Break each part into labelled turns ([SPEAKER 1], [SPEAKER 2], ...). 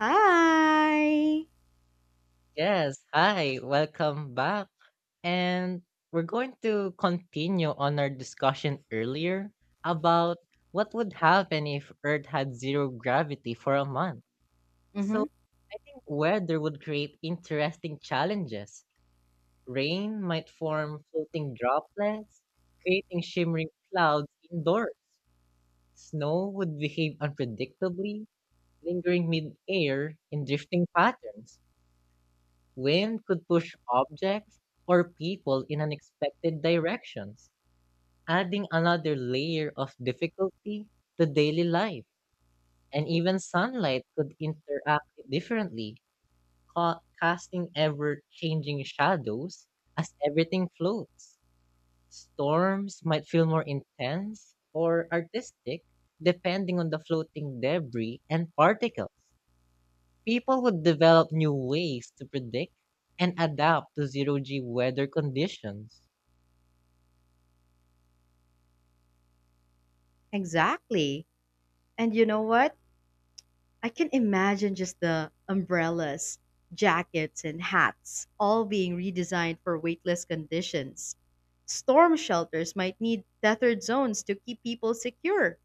[SPEAKER 1] Hi.
[SPEAKER 2] Yes, hi, welcome back. And we're going to continue on our discussion earlier about what would happen if Earth had zero gravity for a month. So,
[SPEAKER 1] Mm-hmm.
[SPEAKER 2] I think weather would create interesting challenges. Rain might form floating droplets, creating shimmering clouds indoors. Snow would behave unpredictably, lingering mid-air in drifting patterns. Wind could push objects or people in unexpected directions, adding another layer of difficulty to daily life. And even sunlight could interact differently, casting ever changing shadows as everything floats. Storms might feel more intense or artistic depending on the floating debris and particles. People would develop new ways to predict and adapt to zero G weather conditions.
[SPEAKER 1] Exactly. And you know what? I can imagine just the umbrellas, jackets, and hats all being redesigned for weightless conditions. Storm shelters might need tethered zones to keep people secure.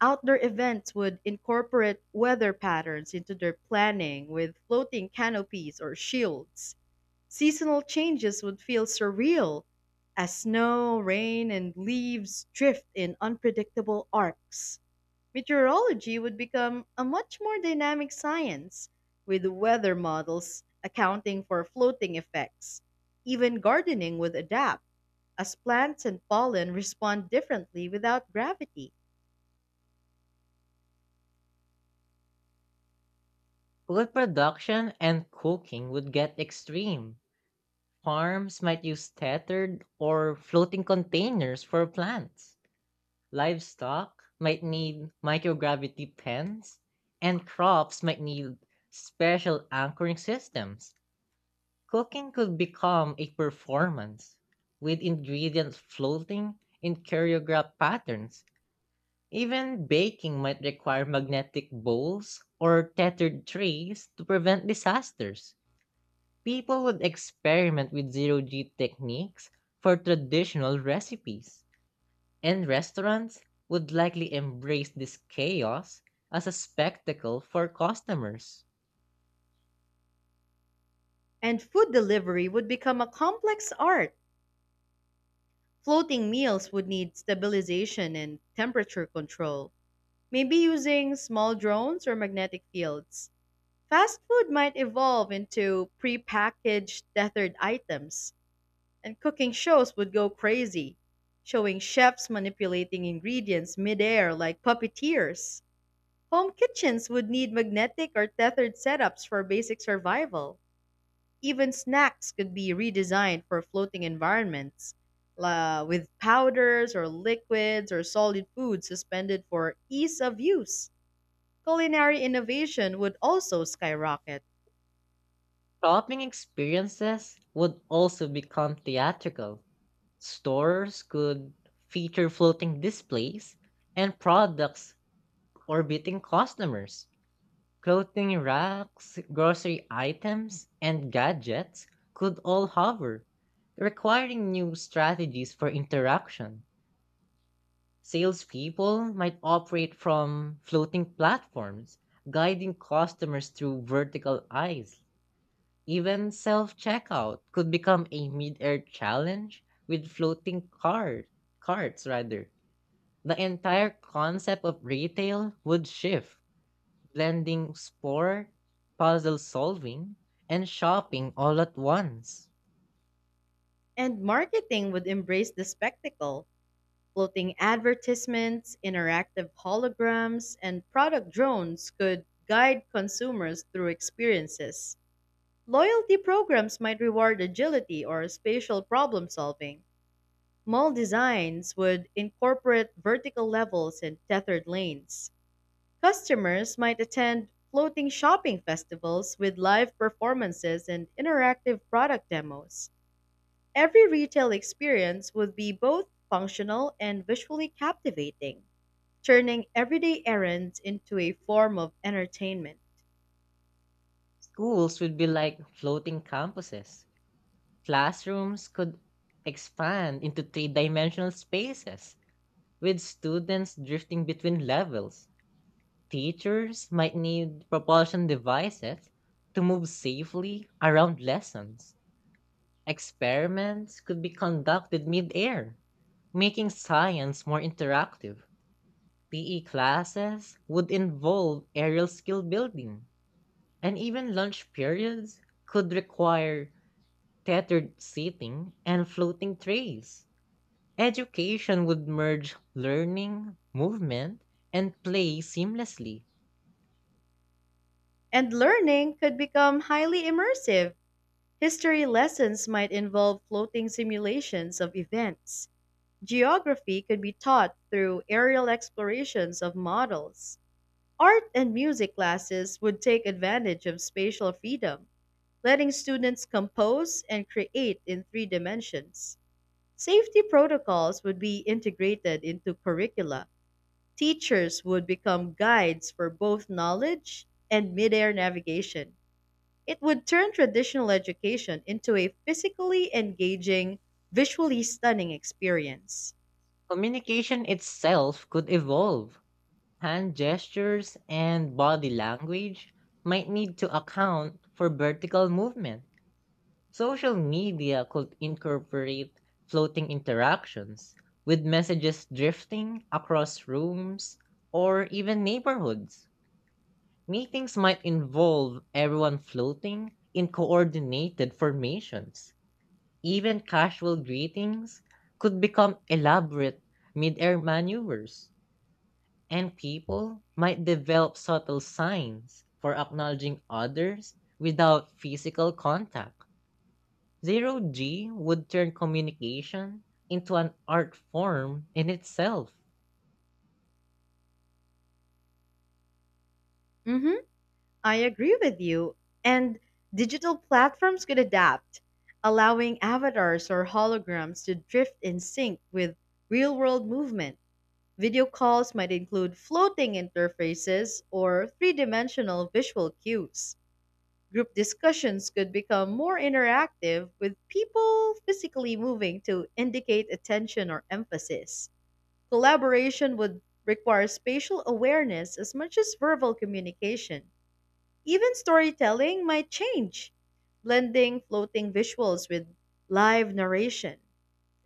[SPEAKER 1] Outdoor events would incorporate weather patterns into their planning with floating canopies or shields. Seasonal changes would feel surreal as snow, rain, and leaves drift in unpredictable arcs. Meteorology would become a much more dynamic science, with weather models accounting for floating effects. Even gardening would adapt, as plants and pollen respond differently without gravity.
[SPEAKER 2] Food production and cooking would get extreme. Farms might use tethered or floating containers for plants. Livestock might need microgravity pens, and crops might need special anchoring systems. Cooking could become a performance with ingredients floating in choreographed patterns. Even baking might require magnetic bowls or tethered trays to prevent disasters. People would experiment with zero G techniques for traditional recipes, and restaurants would likely embrace this chaos as a spectacle for customers.
[SPEAKER 1] And food delivery would become a complex art. Floating meals would need stabilization and temperature control, maybe using small drones or magnetic fields. Fast food might evolve into prepackaged tethered items, and cooking shows would go crazy, showing chefs manipulating ingredients midair like puppeteers. Home kitchens would need magnetic or tethered setups for basic survival. Even snacks could be redesigned for floating environments, la with powders or liquids or solid food suspended for ease of use. Culinary innovation would also skyrocket,
[SPEAKER 2] Shopping experiences would also become theatrical. Stores could feature floating displays and products orbiting customers. Clothing racks, grocery items, and gadgets could all hover, requiring new strategies for interaction. Salespeople might operate from floating platforms, guiding customers through vertical aisles. Even self checkout could become a mid air challenge with floating cart, carts. Rather. The entire concept of retail would shift, blending sport, puzzle solving, and shopping all at once.
[SPEAKER 1] and marketing would embrace the spectacle. Floating advertisements, interactive holograms, and product drones could guide consumers through experiences. Loyalty programs might reward agility or spatial problem solving. Mall designs would incorporate vertical levels and tethered lanes. Customers might attend floating shopping festivals with live performances and interactive product demos. Every retail experience would be both functional and visually captivating, turning everyday errands into a form of entertainment.
[SPEAKER 2] Schools would be like floating campuses. Classrooms could expand into three dimensional spaces, with students drifting between levels. Teachers might need propulsion devices to move safely around lessons. Experiments could be conducted mid-air, making science more interactive. PE classes would involve aerial skill building, and even lunch periods could require tethered seating and floating trays. Education would merge learning, movement, and play seamlessly.
[SPEAKER 1] And learning could become highly immersive. History lessons might involve floating simulations of events. Geography could be taught through aerial explorations of models. Art and music classes would take advantage of spatial freedom, letting students compose and create in three dimensions. Safety protocols would be integrated into curricula. Teachers would become guides for both knowledge and midair navigation. It would turn traditional education into a physically engaging, visually stunning experience.
[SPEAKER 2] Communication itself could evolve. Hand gestures and body language might need to account for vertical movement. Social media could incorporate floating interactions, with messages drifting across rooms or even neighborhoods. Meetings might involve everyone floating in coordinated formations. Even casual greetings could become elaborate mid air maneuvers, and people might develop subtle signs for acknowledging others without physical contact. Zero G would turn communication into an art form in itself.
[SPEAKER 1] Mhm. I agree with you. And digital platforms could adapt, allowing avatars or holograms to drift in sync with real world movement. Video calls might include floating interfaces or three dimensional visual cues. Group discussions could become more interactive with people physically moving to indicate attention or emphasis. Collaboration would require spatial awareness as much as verbal communication. Even storytelling might change, blending floating visuals with live narration.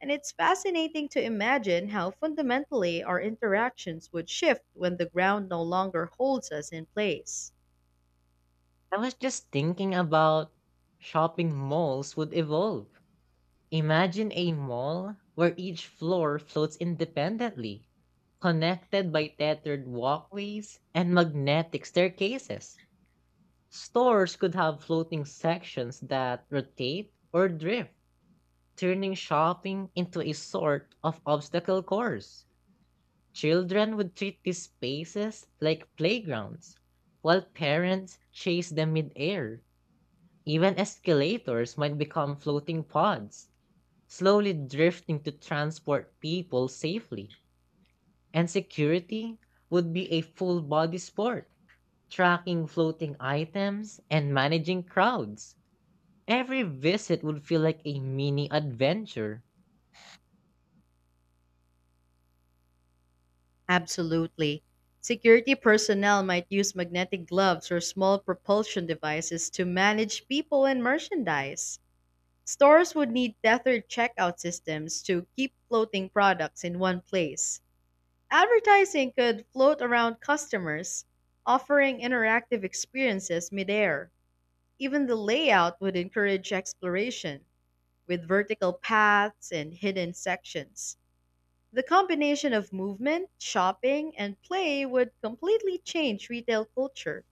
[SPEAKER 1] And it's fascinating to imagine how fundamentally our interactions would shift when the ground no longer holds us in place.
[SPEAKER 2] I was just thinking about shopping malls would evolve. Imagine a mall where each floor floats independently, connected by tethered walkways and magnetic staircases. Stores could have floating sections that rotate or drift, turning shopping into a sort of obstacle course. Children would treat these spaces like playgrounds, while parents chase them midair. Even escalators might become floating pods, slowly drifting to transport people safely. And security would be a full body sport, tracking floating items and managing crowds. Every visit would feel like a mini adventure.
[SPEAKER 1] Absolutely. Security personnel might use magnetic gloves or small propulsion devices to manage people and merchandise. Stores would need tethered checkout systems to keep floating products in one place. Advertising could float around customers, offering interactive experiences midair. Even the layout would encourage exploration, with vertical paths and hidden sections. The combination of movement, shopping, and play would completely change retail culture.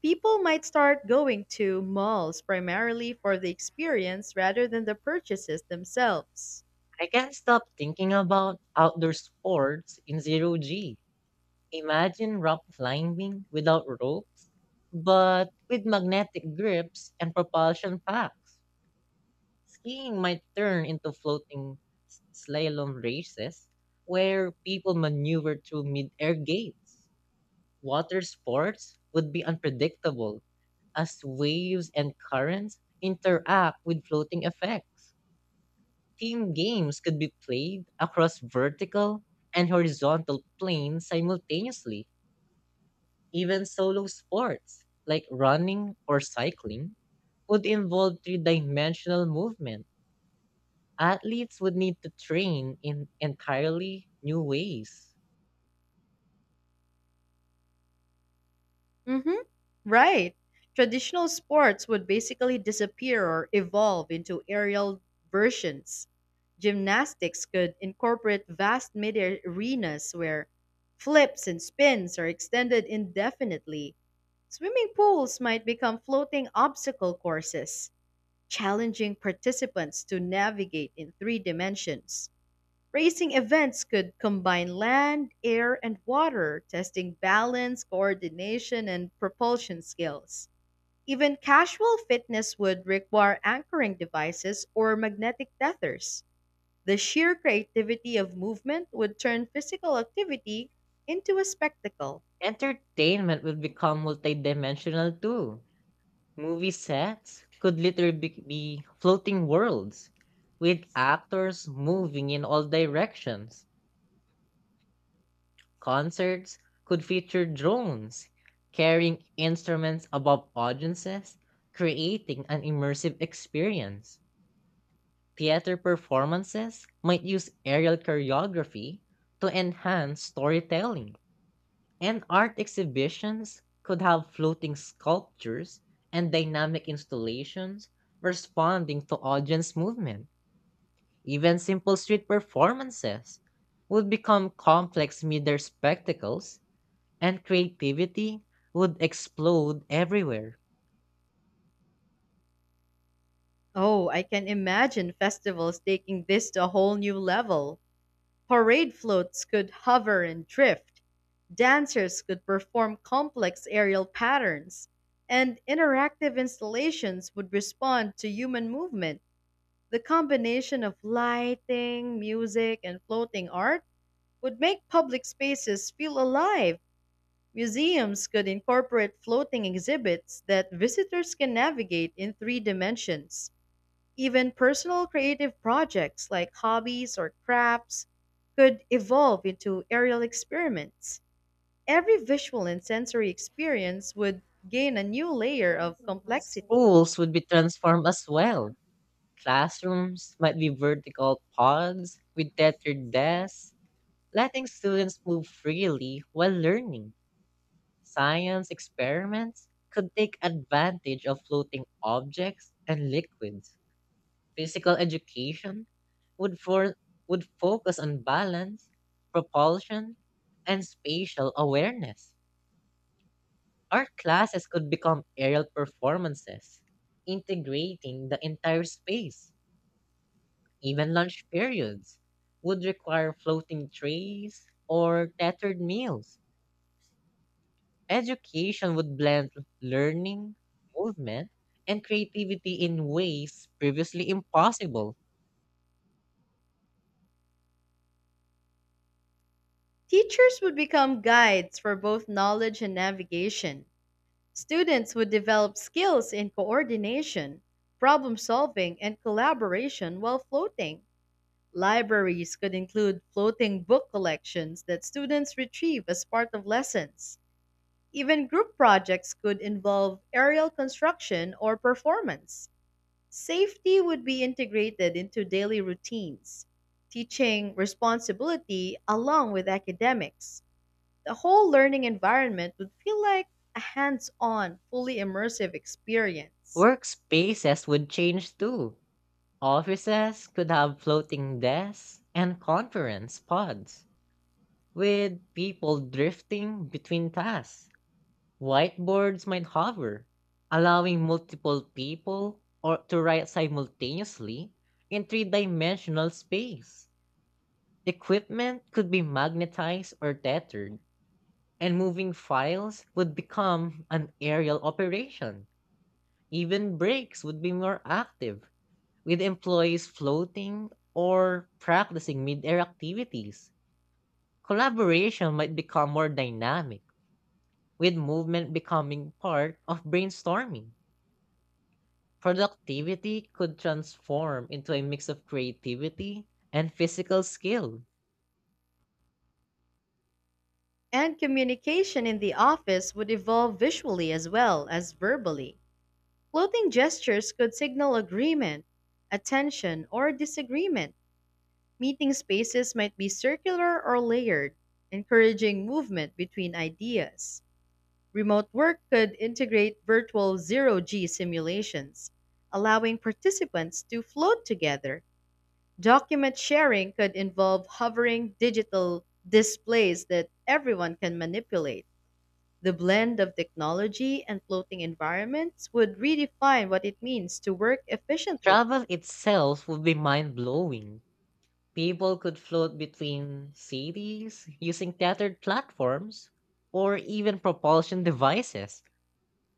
[SPEAKER 1] People might start going to malls primarily for the experience rather than the purchases themselves.
[SPEAKER 2] I can't stop thinking about outdoor sports in zero G. Imagine rock climbing without ropes, but with magnetic grips and propulsion packs. Skiing might turn into floating slalom races where people maneuver through mid-air gates. Water sports would be unpredictable as waves and currents interact with floating effects. Team games could be played across vertical and horizontal planes simultaneously. Even solo sports like running or cycling would involve three dimensional movement. Athletes would need to train in entirely new ways.
[SPEAKER 1] Mm-hmm. Right. Traditional sports would basically disappear or evolve into aerial versions. Gymnastics could incorporate vast midair arenas where flips and spins are extended indefinitely. Swimming pools might become floating obstacle courses, challenging participants to navigate in three dimensions. Racing events could combine land, air, and water, testing balance, coordination, and propulsion skills. Even casual fitness would require anchoring devices or magnetic tethers. The sheer creativity of movement would turn physical activity into a spectacle.
[SPEAKER 2] Entertainment would become multidimensional too. Movie sets could literally be floating worlds with actors moving in all directions. Concerts could feature drones carrying instruments above audiences, creating an immersive experience. Theater performances might use aerial choreography to enhance storytelling, and art exhibitions could have floating sculptures and dynamic installations responding to audience movement. Even simple street performances would become complex media spectacles, and creativity would explode everywhere.
[SPEAKER 1] Oh, I can imagine festivals taking this to a whole new level. Parade floats could hover and drift, dancers could perform complex aerial patterns, and interactive installations would respond to human movement. The combination of lighting, music, and floating art would make public spaces feel alive. Museums could incorporate floating exhibits that visitors can navigate in three dimensions. Even personal creative projects like hobbies or crafts could evolve into aerial experiments. Every visual and sensory experience would gain a new layer of complexity.
[SPEAKER 2] Schools would be transformed as well. Classrooms might be vertical pods with tethered desks, letting students move freely while learning. Science experiments could take advantage of floating objects and liquids. Physical education would for would focus on balance, propulsion, and spatial awareness. Art classes could become aerial performances, integrating the entire space. Even lunch periods would require floating trays or tethered meals. Education would blend learning, movement, and creativity in ways previously impossible.
[SPEAKER 1] Teachers would become guides for both knowledge and navigation. Students would develop skills in coordination, problem solving, and collaboration while floating. Libraries could include floating book collections that students retrieve as part of lessons. Even group projects could involve aerial construction or performance. Safety would be integrated into daily routines, teaching responsibility along with academics. The whole learning environment would feel like a hands on, fully immersive experience.
[SPEAKER 2] Workspaces would change too. Offices could have floating desks and conference pods, with people drifting between tasks. Whiteboards might hover, allowing multiple people or to write simultaneously in three-dimensional space. Equipment could be magnetized or tethered, and moving files would become an aerial operation. Even breaks would be more active, with employees floating or practicing mid-air activities. Collaboration might become more dynamic, with movement becoming part of brainstorming. Productivity could transform into a mix of creativity and physical skill.
[SPEAKER 1] And communication in the office would evolve visually as well as verbally. Floating gestures could signal agreement, attention, or disagreement. Meeting spaces might be circular or layered, encouraging movement between ideas. Remote work could integrate virtual zero G simulations, allowing participants to float together. Document sharing could involve hovering digital displays that everyone can manipulate. The blend of technology and floating environments would redefine what it means to work efficiently.
[SPEAKER 2] Travel itself would be mind blowing. People could float between cities using tethered platforms or even propulsion devices.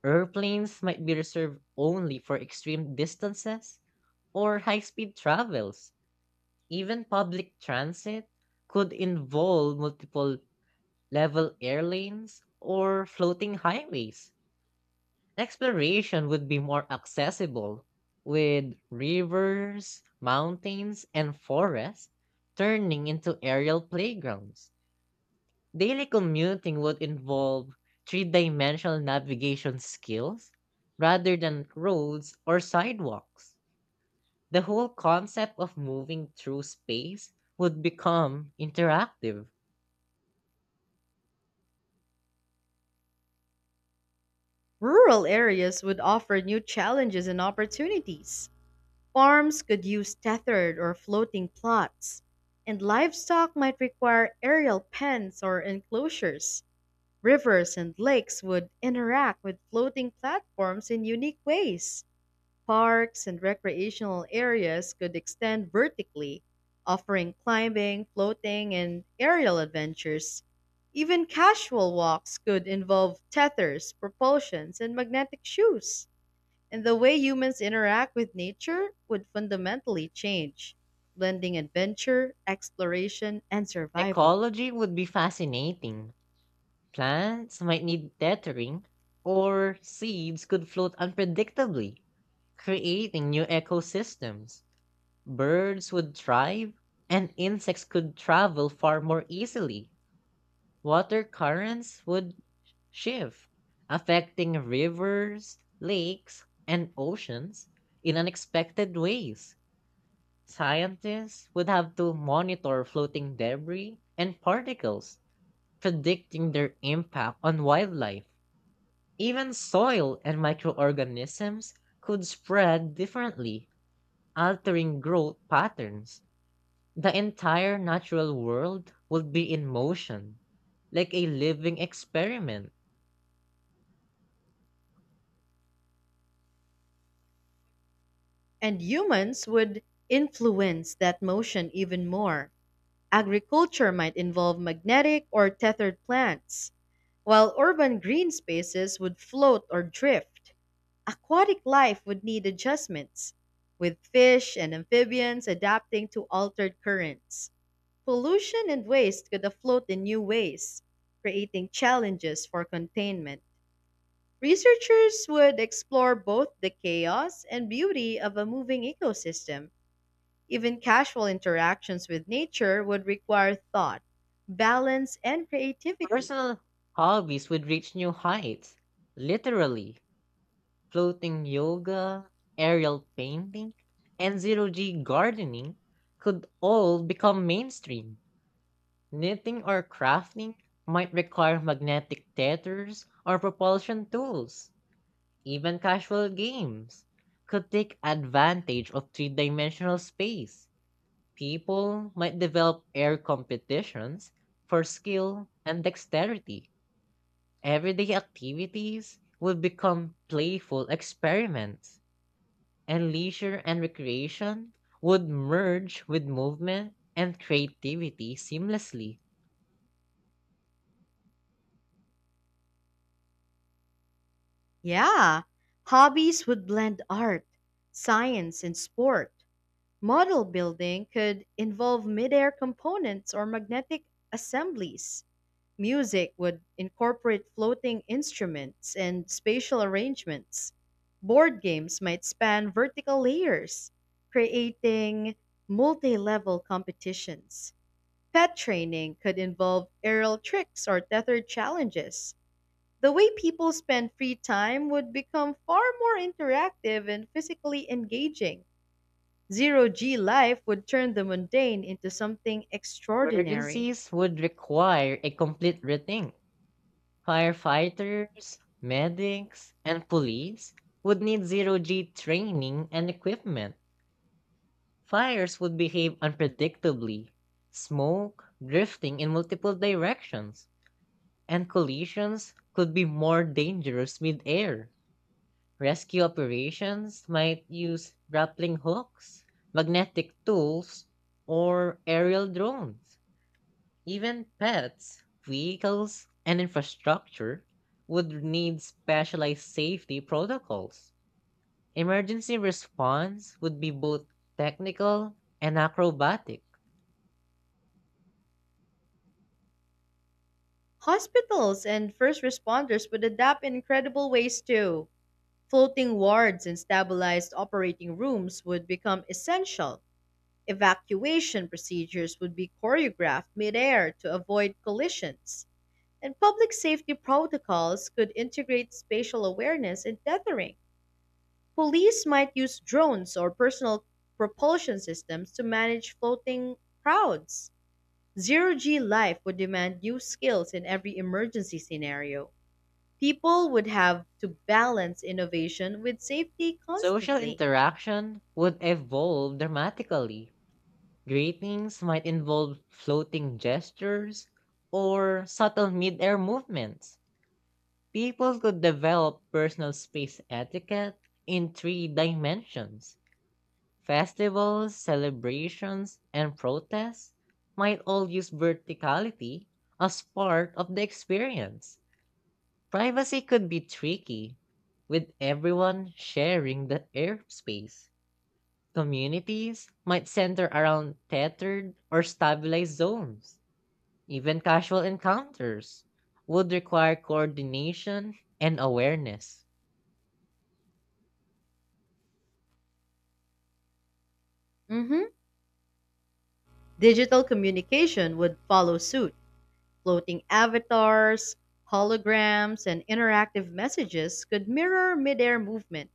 [SPEAKER 2] Airplanes might be reserved only for extreme distances or high speed travels. Even public transit could involve multiple level airlanes or floating highways. Exploration would be more accessible, with rivers, mountains, and forests turning into aerial playgrounds. Daily commuting would involve three dimensional navigation skills rather than roads or sidewalks. The whole concept of moving through space would become interactive.
[SPEAKER 1] Rural areas would offer new challenges and opportunities. Farms could use tethered or floating plots, and livestock might require aerial pens or enclosures. Rivers and lakes would interact with floating platforms in unique ways. Parks and recreational areas could extend vertically, offering climbing, floating, and aerial adventures. Even casual walks could involve tethers, propulsions, and magnetic shoes. And the way humans interact with nature would fundamentally change, blending adventure, exploration, and survival.
[SPEAKER 2] Ecology would be fascinating. Plants might need tethering, or seeds could float unpredictably, creating new ecosystems. Birds would thrive, and insects could travel far more easily. Water currents would shift, affecting rivers, lakes, and oceans in unexpected ways. Scientists would have to monitor floating debris and particles, predicting their impact on wildlife. Even soil and microorganisms could spread differently, altering growth patterns. The entire natural world would be in motion, like a living experiment.
[SPEAKER 1] And humans would influence that motion even more. Agriculture might involve magnetic or tethered plants, while urban green spaces would float or drift. Aquatic life would need adjustments, with fish and amphibians adapting to altered currents. Pollution and waste could afloat in new ways, creating challenges for containment. Researchers would explore both the chaos and beauty of a moving ecosystem. Even casual interactions with nature would require thought, balance, and creativity.
[SPEAKER 2] Personal hobbies would reach new heights, literally. Floating yoga, aerial painting, and zero G gardening could all become mainstream. Knitting or crafting might require magnetic tethers or propulsion tools. Even casual games could take advantage of three dimensional space. People might develop air competitions for skill and dexterity. Everyday activities would become playful experiments, and leisure and recreation would merge with movement and creativity seamlessly.
[SPEAKER 1] Yeah, hobbies would blend art, science, and sport. Model building could involve midair components or magnetic assemblies. Music would incorporate floating instruments and spatial arrangements. Board games might span vertical layers, creating multi level competitions. Pet training could involve aerial tricks or tethered challenges. The way people spend free time would become far more interactive and physically engaging. Zero G life would turn the mundane into something extraordinary.
[SPEAKER 2] Emergencies would require a complete rethink. Firefighters, medics, and police would need zero G training and equipment. Fires would behave unpredictably, smoke drifting in multiple directions, and collisions could be more dangerous mid-air. Rescue operations might use grappling hooks, magnetic tools, or aerial drones. Even pets, vehicles, and infrastructure would need specialized safety protocols. Emergency response would be both technical and acrobatic.
[SPEAKER 1] Hospitals and first responders would adapt in incredible ways too. Floating wards and stabilized operating rooms would become essential. Evacuation procedures would be choreographed midair to avoid collisions. And public safety protocols could integrate spatial awareness and tethering. Police might use drones or personal propulsion systems to manage floating crowds. Zero G life would demand new skills in every emergency scenario. People would have to balance innovation with safety
[SPEAKER 2] Social
[SPEAKER 1] constantly.
[SPEAKER 2] interaction would evolve dramatically. Greetings might involve floating gestures or subtle mid-air movements. People could develop personal space etiquette in three dimensions. Festivals, celebrations, and protests might all use verticality as part of the experience. Privacy could be tricky, with everyone sharing the airspace. Communities might center around tethered or stabilized zones. Even casual encounters would require coordination and awareness.
[SPEAKER 1] Mhm. Digital communication would follow suit. Floating avatars, holograms, and interactive messages could mirror midair movement.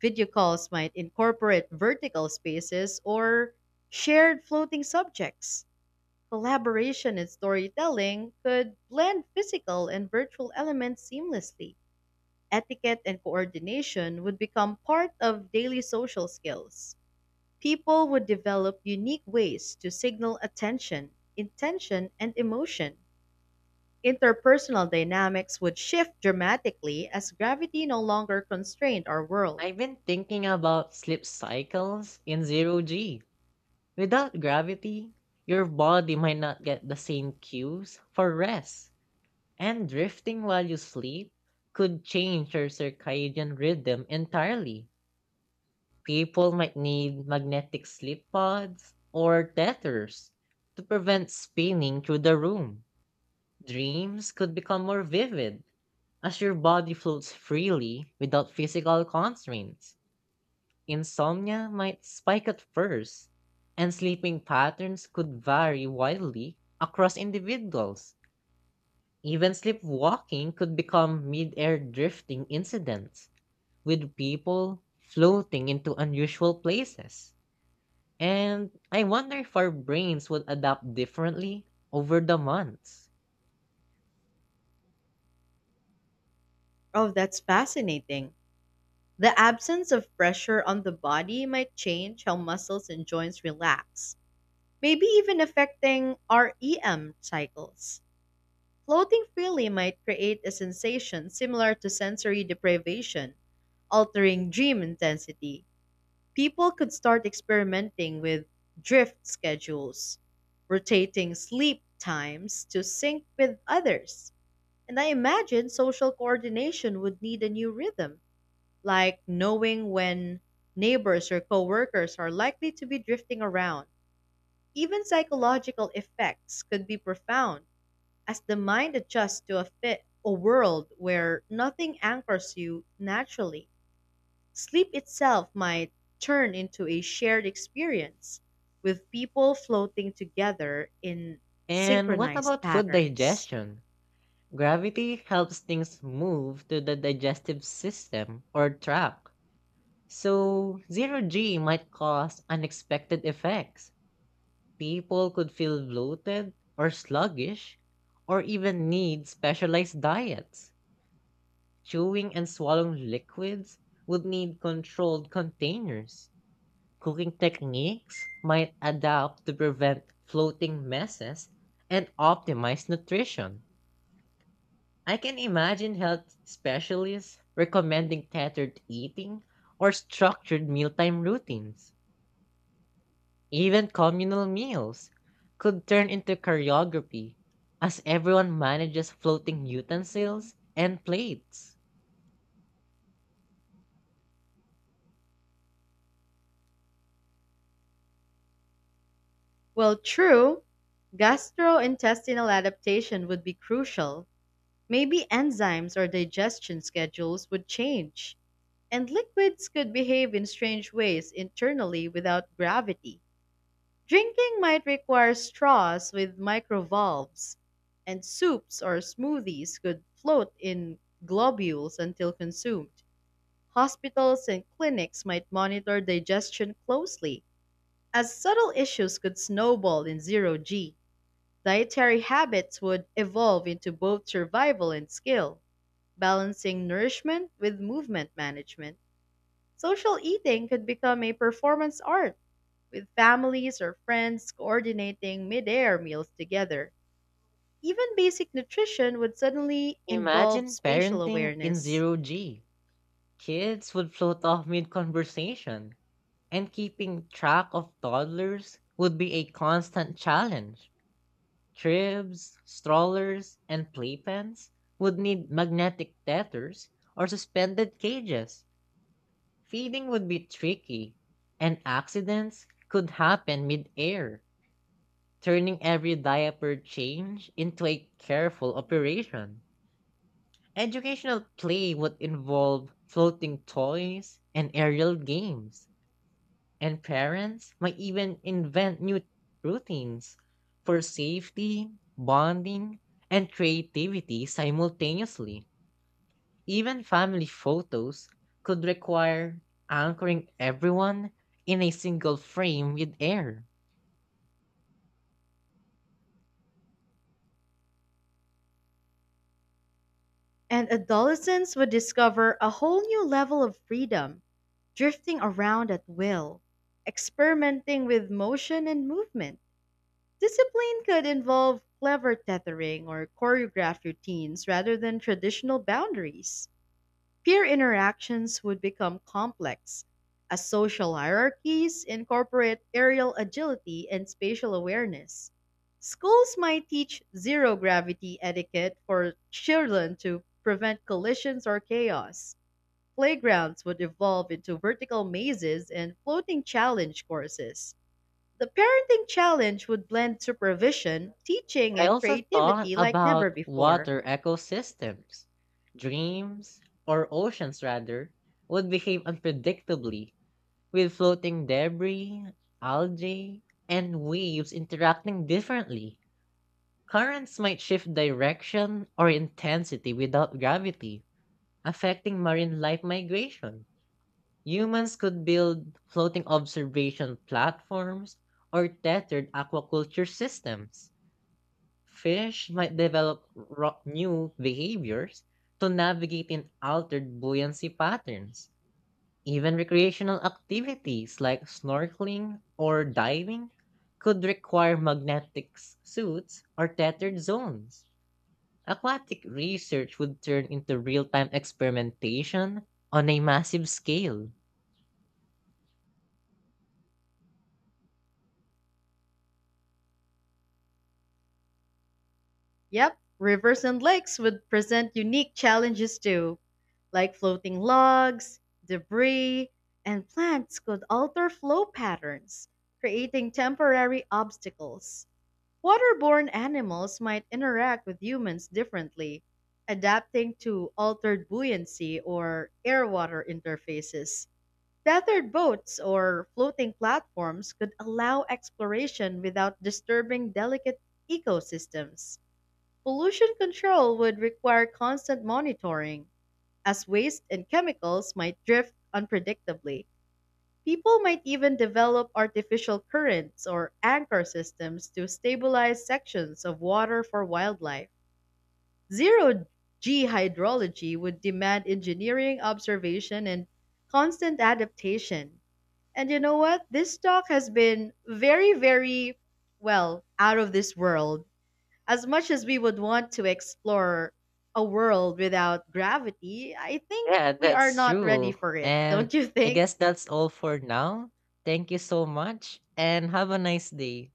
[SPEAKER 1] Video calls might incorporate vertical spaces or shared floating subjects. Collaboration and storytelling could blend physical and virtual elements seamlessly. Etiquette and coordination would become part of daily social skills. People would develop unique ways to signal attention, intention, and emotion. Interpersonal dynamics would shift dramatically as gravity no longer constrained our world.
[SPEAKER 2] I've been thinking about sleep cycles in zero G. Without gravity, your body might not get the same cues for rest, and drifting while you sleep could change your circadian rhythm entirely. People might need magnetic sleep pods or tethers to prevent spinning through the room. Dreams could become more vivid as your body floats freely without physical constraints. Insomnia might spike at first, and sleeping patterns could vary wildly across individuals. Even sleepwalking could become mid-air drifting incidents, with people floating into unusual places. And I wonder if our brains would adapt differently over the months.
[SPEAKER 1] Oh, that's fascinating. The absence of pressure on the body might change how muscles and joints relax, maybe even affecting our EM cycles. Floating freely might create a sensation similar to sensory deprivation, altering dream intensity. People could start experimenting with drift schedules, rotating sleep times to sync with others. And I imagine social coordination would need a new rhythm, like knowing when neighbors or coworkers are likely to be drifting around. Even psychological effects could be profound as the mind adjusts to a world where nothing anchors you naturally, sleep itself might turn into a shared experience with people floating together in
[SPEAKER 2] And what
[SPEAKER 1] synchronized
[SPEAKER 2] about food
[SPEAKER 1] patterns.
[SPEAKER 2] digestion? Gravity helps things move to the digestive system or track. So, zero G might cause unexpected effects. People could feel bloated or sluggish, or even need specialized diets. Chewing and swallowing liquids would need controlled containers. Cooking techniques might adapt to prevent floating messes and optimize nutrition. I can imagine health specialists recommending tethered eating or structured mealtime routines. Even communal meals could turn into choreography as everyone manages floating utensils and plates.
[SPEAKER 1] Well, true, gastrointestinal adaptation would be crucial. Maybe enzymes or digestion schedules would change, and liquids could behave in strange ways internally without gravity. Drinking might require straws with microvalves, and soups or smoothies could float in globules until consumed. Hospitals and clinics might monitor digestion closely, as subtle issues could snowball in zero G. Dietary habits would evolve into both survival and skill, balancing nourishment with movement management. Social eating could become a performance art with families or friends coordinating midair meals together. Even basic nutrition would suddenly involve
[SPEAKER 2] Imagine
[SPEAKER 1] spatial
[SPEAKER 2] parenting in
[SPEAKER 1] awareness.
[SPEAKER 2] zero G. Kids would float off mid conversation, and keeping track of toddlers would be a constant challenge. Cribs, strollers, and playpens would need magnetic tethers or suspended cages. Feeding would be tricky, and accidents could happen mid-air, turning every diaper change into a careful operation. Educational play would involve floating toys and aerial games, and parents might even invent new routines for safety, bonding, and creativity simultaneously. Even family photos could require anchoring everyone in a single frame with air.
[SPEAKER 1] And adolescents would discover a whole new level of freedom, drifting around at will, experimenting with motion and movement. Discipline could involve clever tethering or choreographed routines rather than traditional boundaries. Peer interactions would become complex, as social hierarchies incorporate aerial agility and spatial awareness. Schools might teach zero gravity etiquette for children to prevent collisions or chaos. Playgrounds would evolve into vertical mazes and floating challenge courses. The parenting challenge would blend supervision, teaching,
[SPEAKER 2] I
[SPEAKER 1] and
[SPEAKER 2] also thought
[SPEAKER 1] creativity like never
[SPEAKER 2] about
[SPEAKER 1] before.
[SPEAKER 2] water ecosystems. Dreams, or oceans rather, would behave unpredictably with floating debris, algae, and waves interacting differently. Currents might shift direction or intensity without gravity, affecting marine life migration. Humans could build floating observation platforms or tethered aquaculture systems. Fish might develop new behaviors to navigate in altered buoyancy patterns. Even recreational activities like snorkeling or diving could require magnetic suits or tethered zones. Aquatic research would turn into real time experimentation on a massive scale.
[SPEAKER 1] Yep, rivers and lakes would present unique challenges too, like floating logs, debris, and plants could alter flow patterns, creating temporary obstacles. Waterborne animals might interact with humans differently, adapting to altered buoyancy or air water interfaces. Tethered boats or floating platforms could allow exploration without disturbing delicate ecosystems. Pollution control would require constant monitoring, as waste and chemicals might drift unpredictably. People might even develop artificial currents or anchor systems to stabilize sections of water for wildlife. Zero G hydrology would demand engineering observation and constant adaptation. And you know what? This talk has been very, very, well, out of this world. As much as we would want to explore a world without gravity, I think
[SPEAKER 2] Yeah,
[SPEAKER 1] we are
[SPEAKER 2] that's
[SPEAKER 1] not ready
[SPEAKER 2] true.
[SPEAKER 1] for it.
[SPEAKER 2] And
[SPEAKER 1] Don't you
[SPEAKER 2] I
[SPEAKER 1] think?
[SPEAKER 2] guess that's all for now. Thank you so much and have a nice day.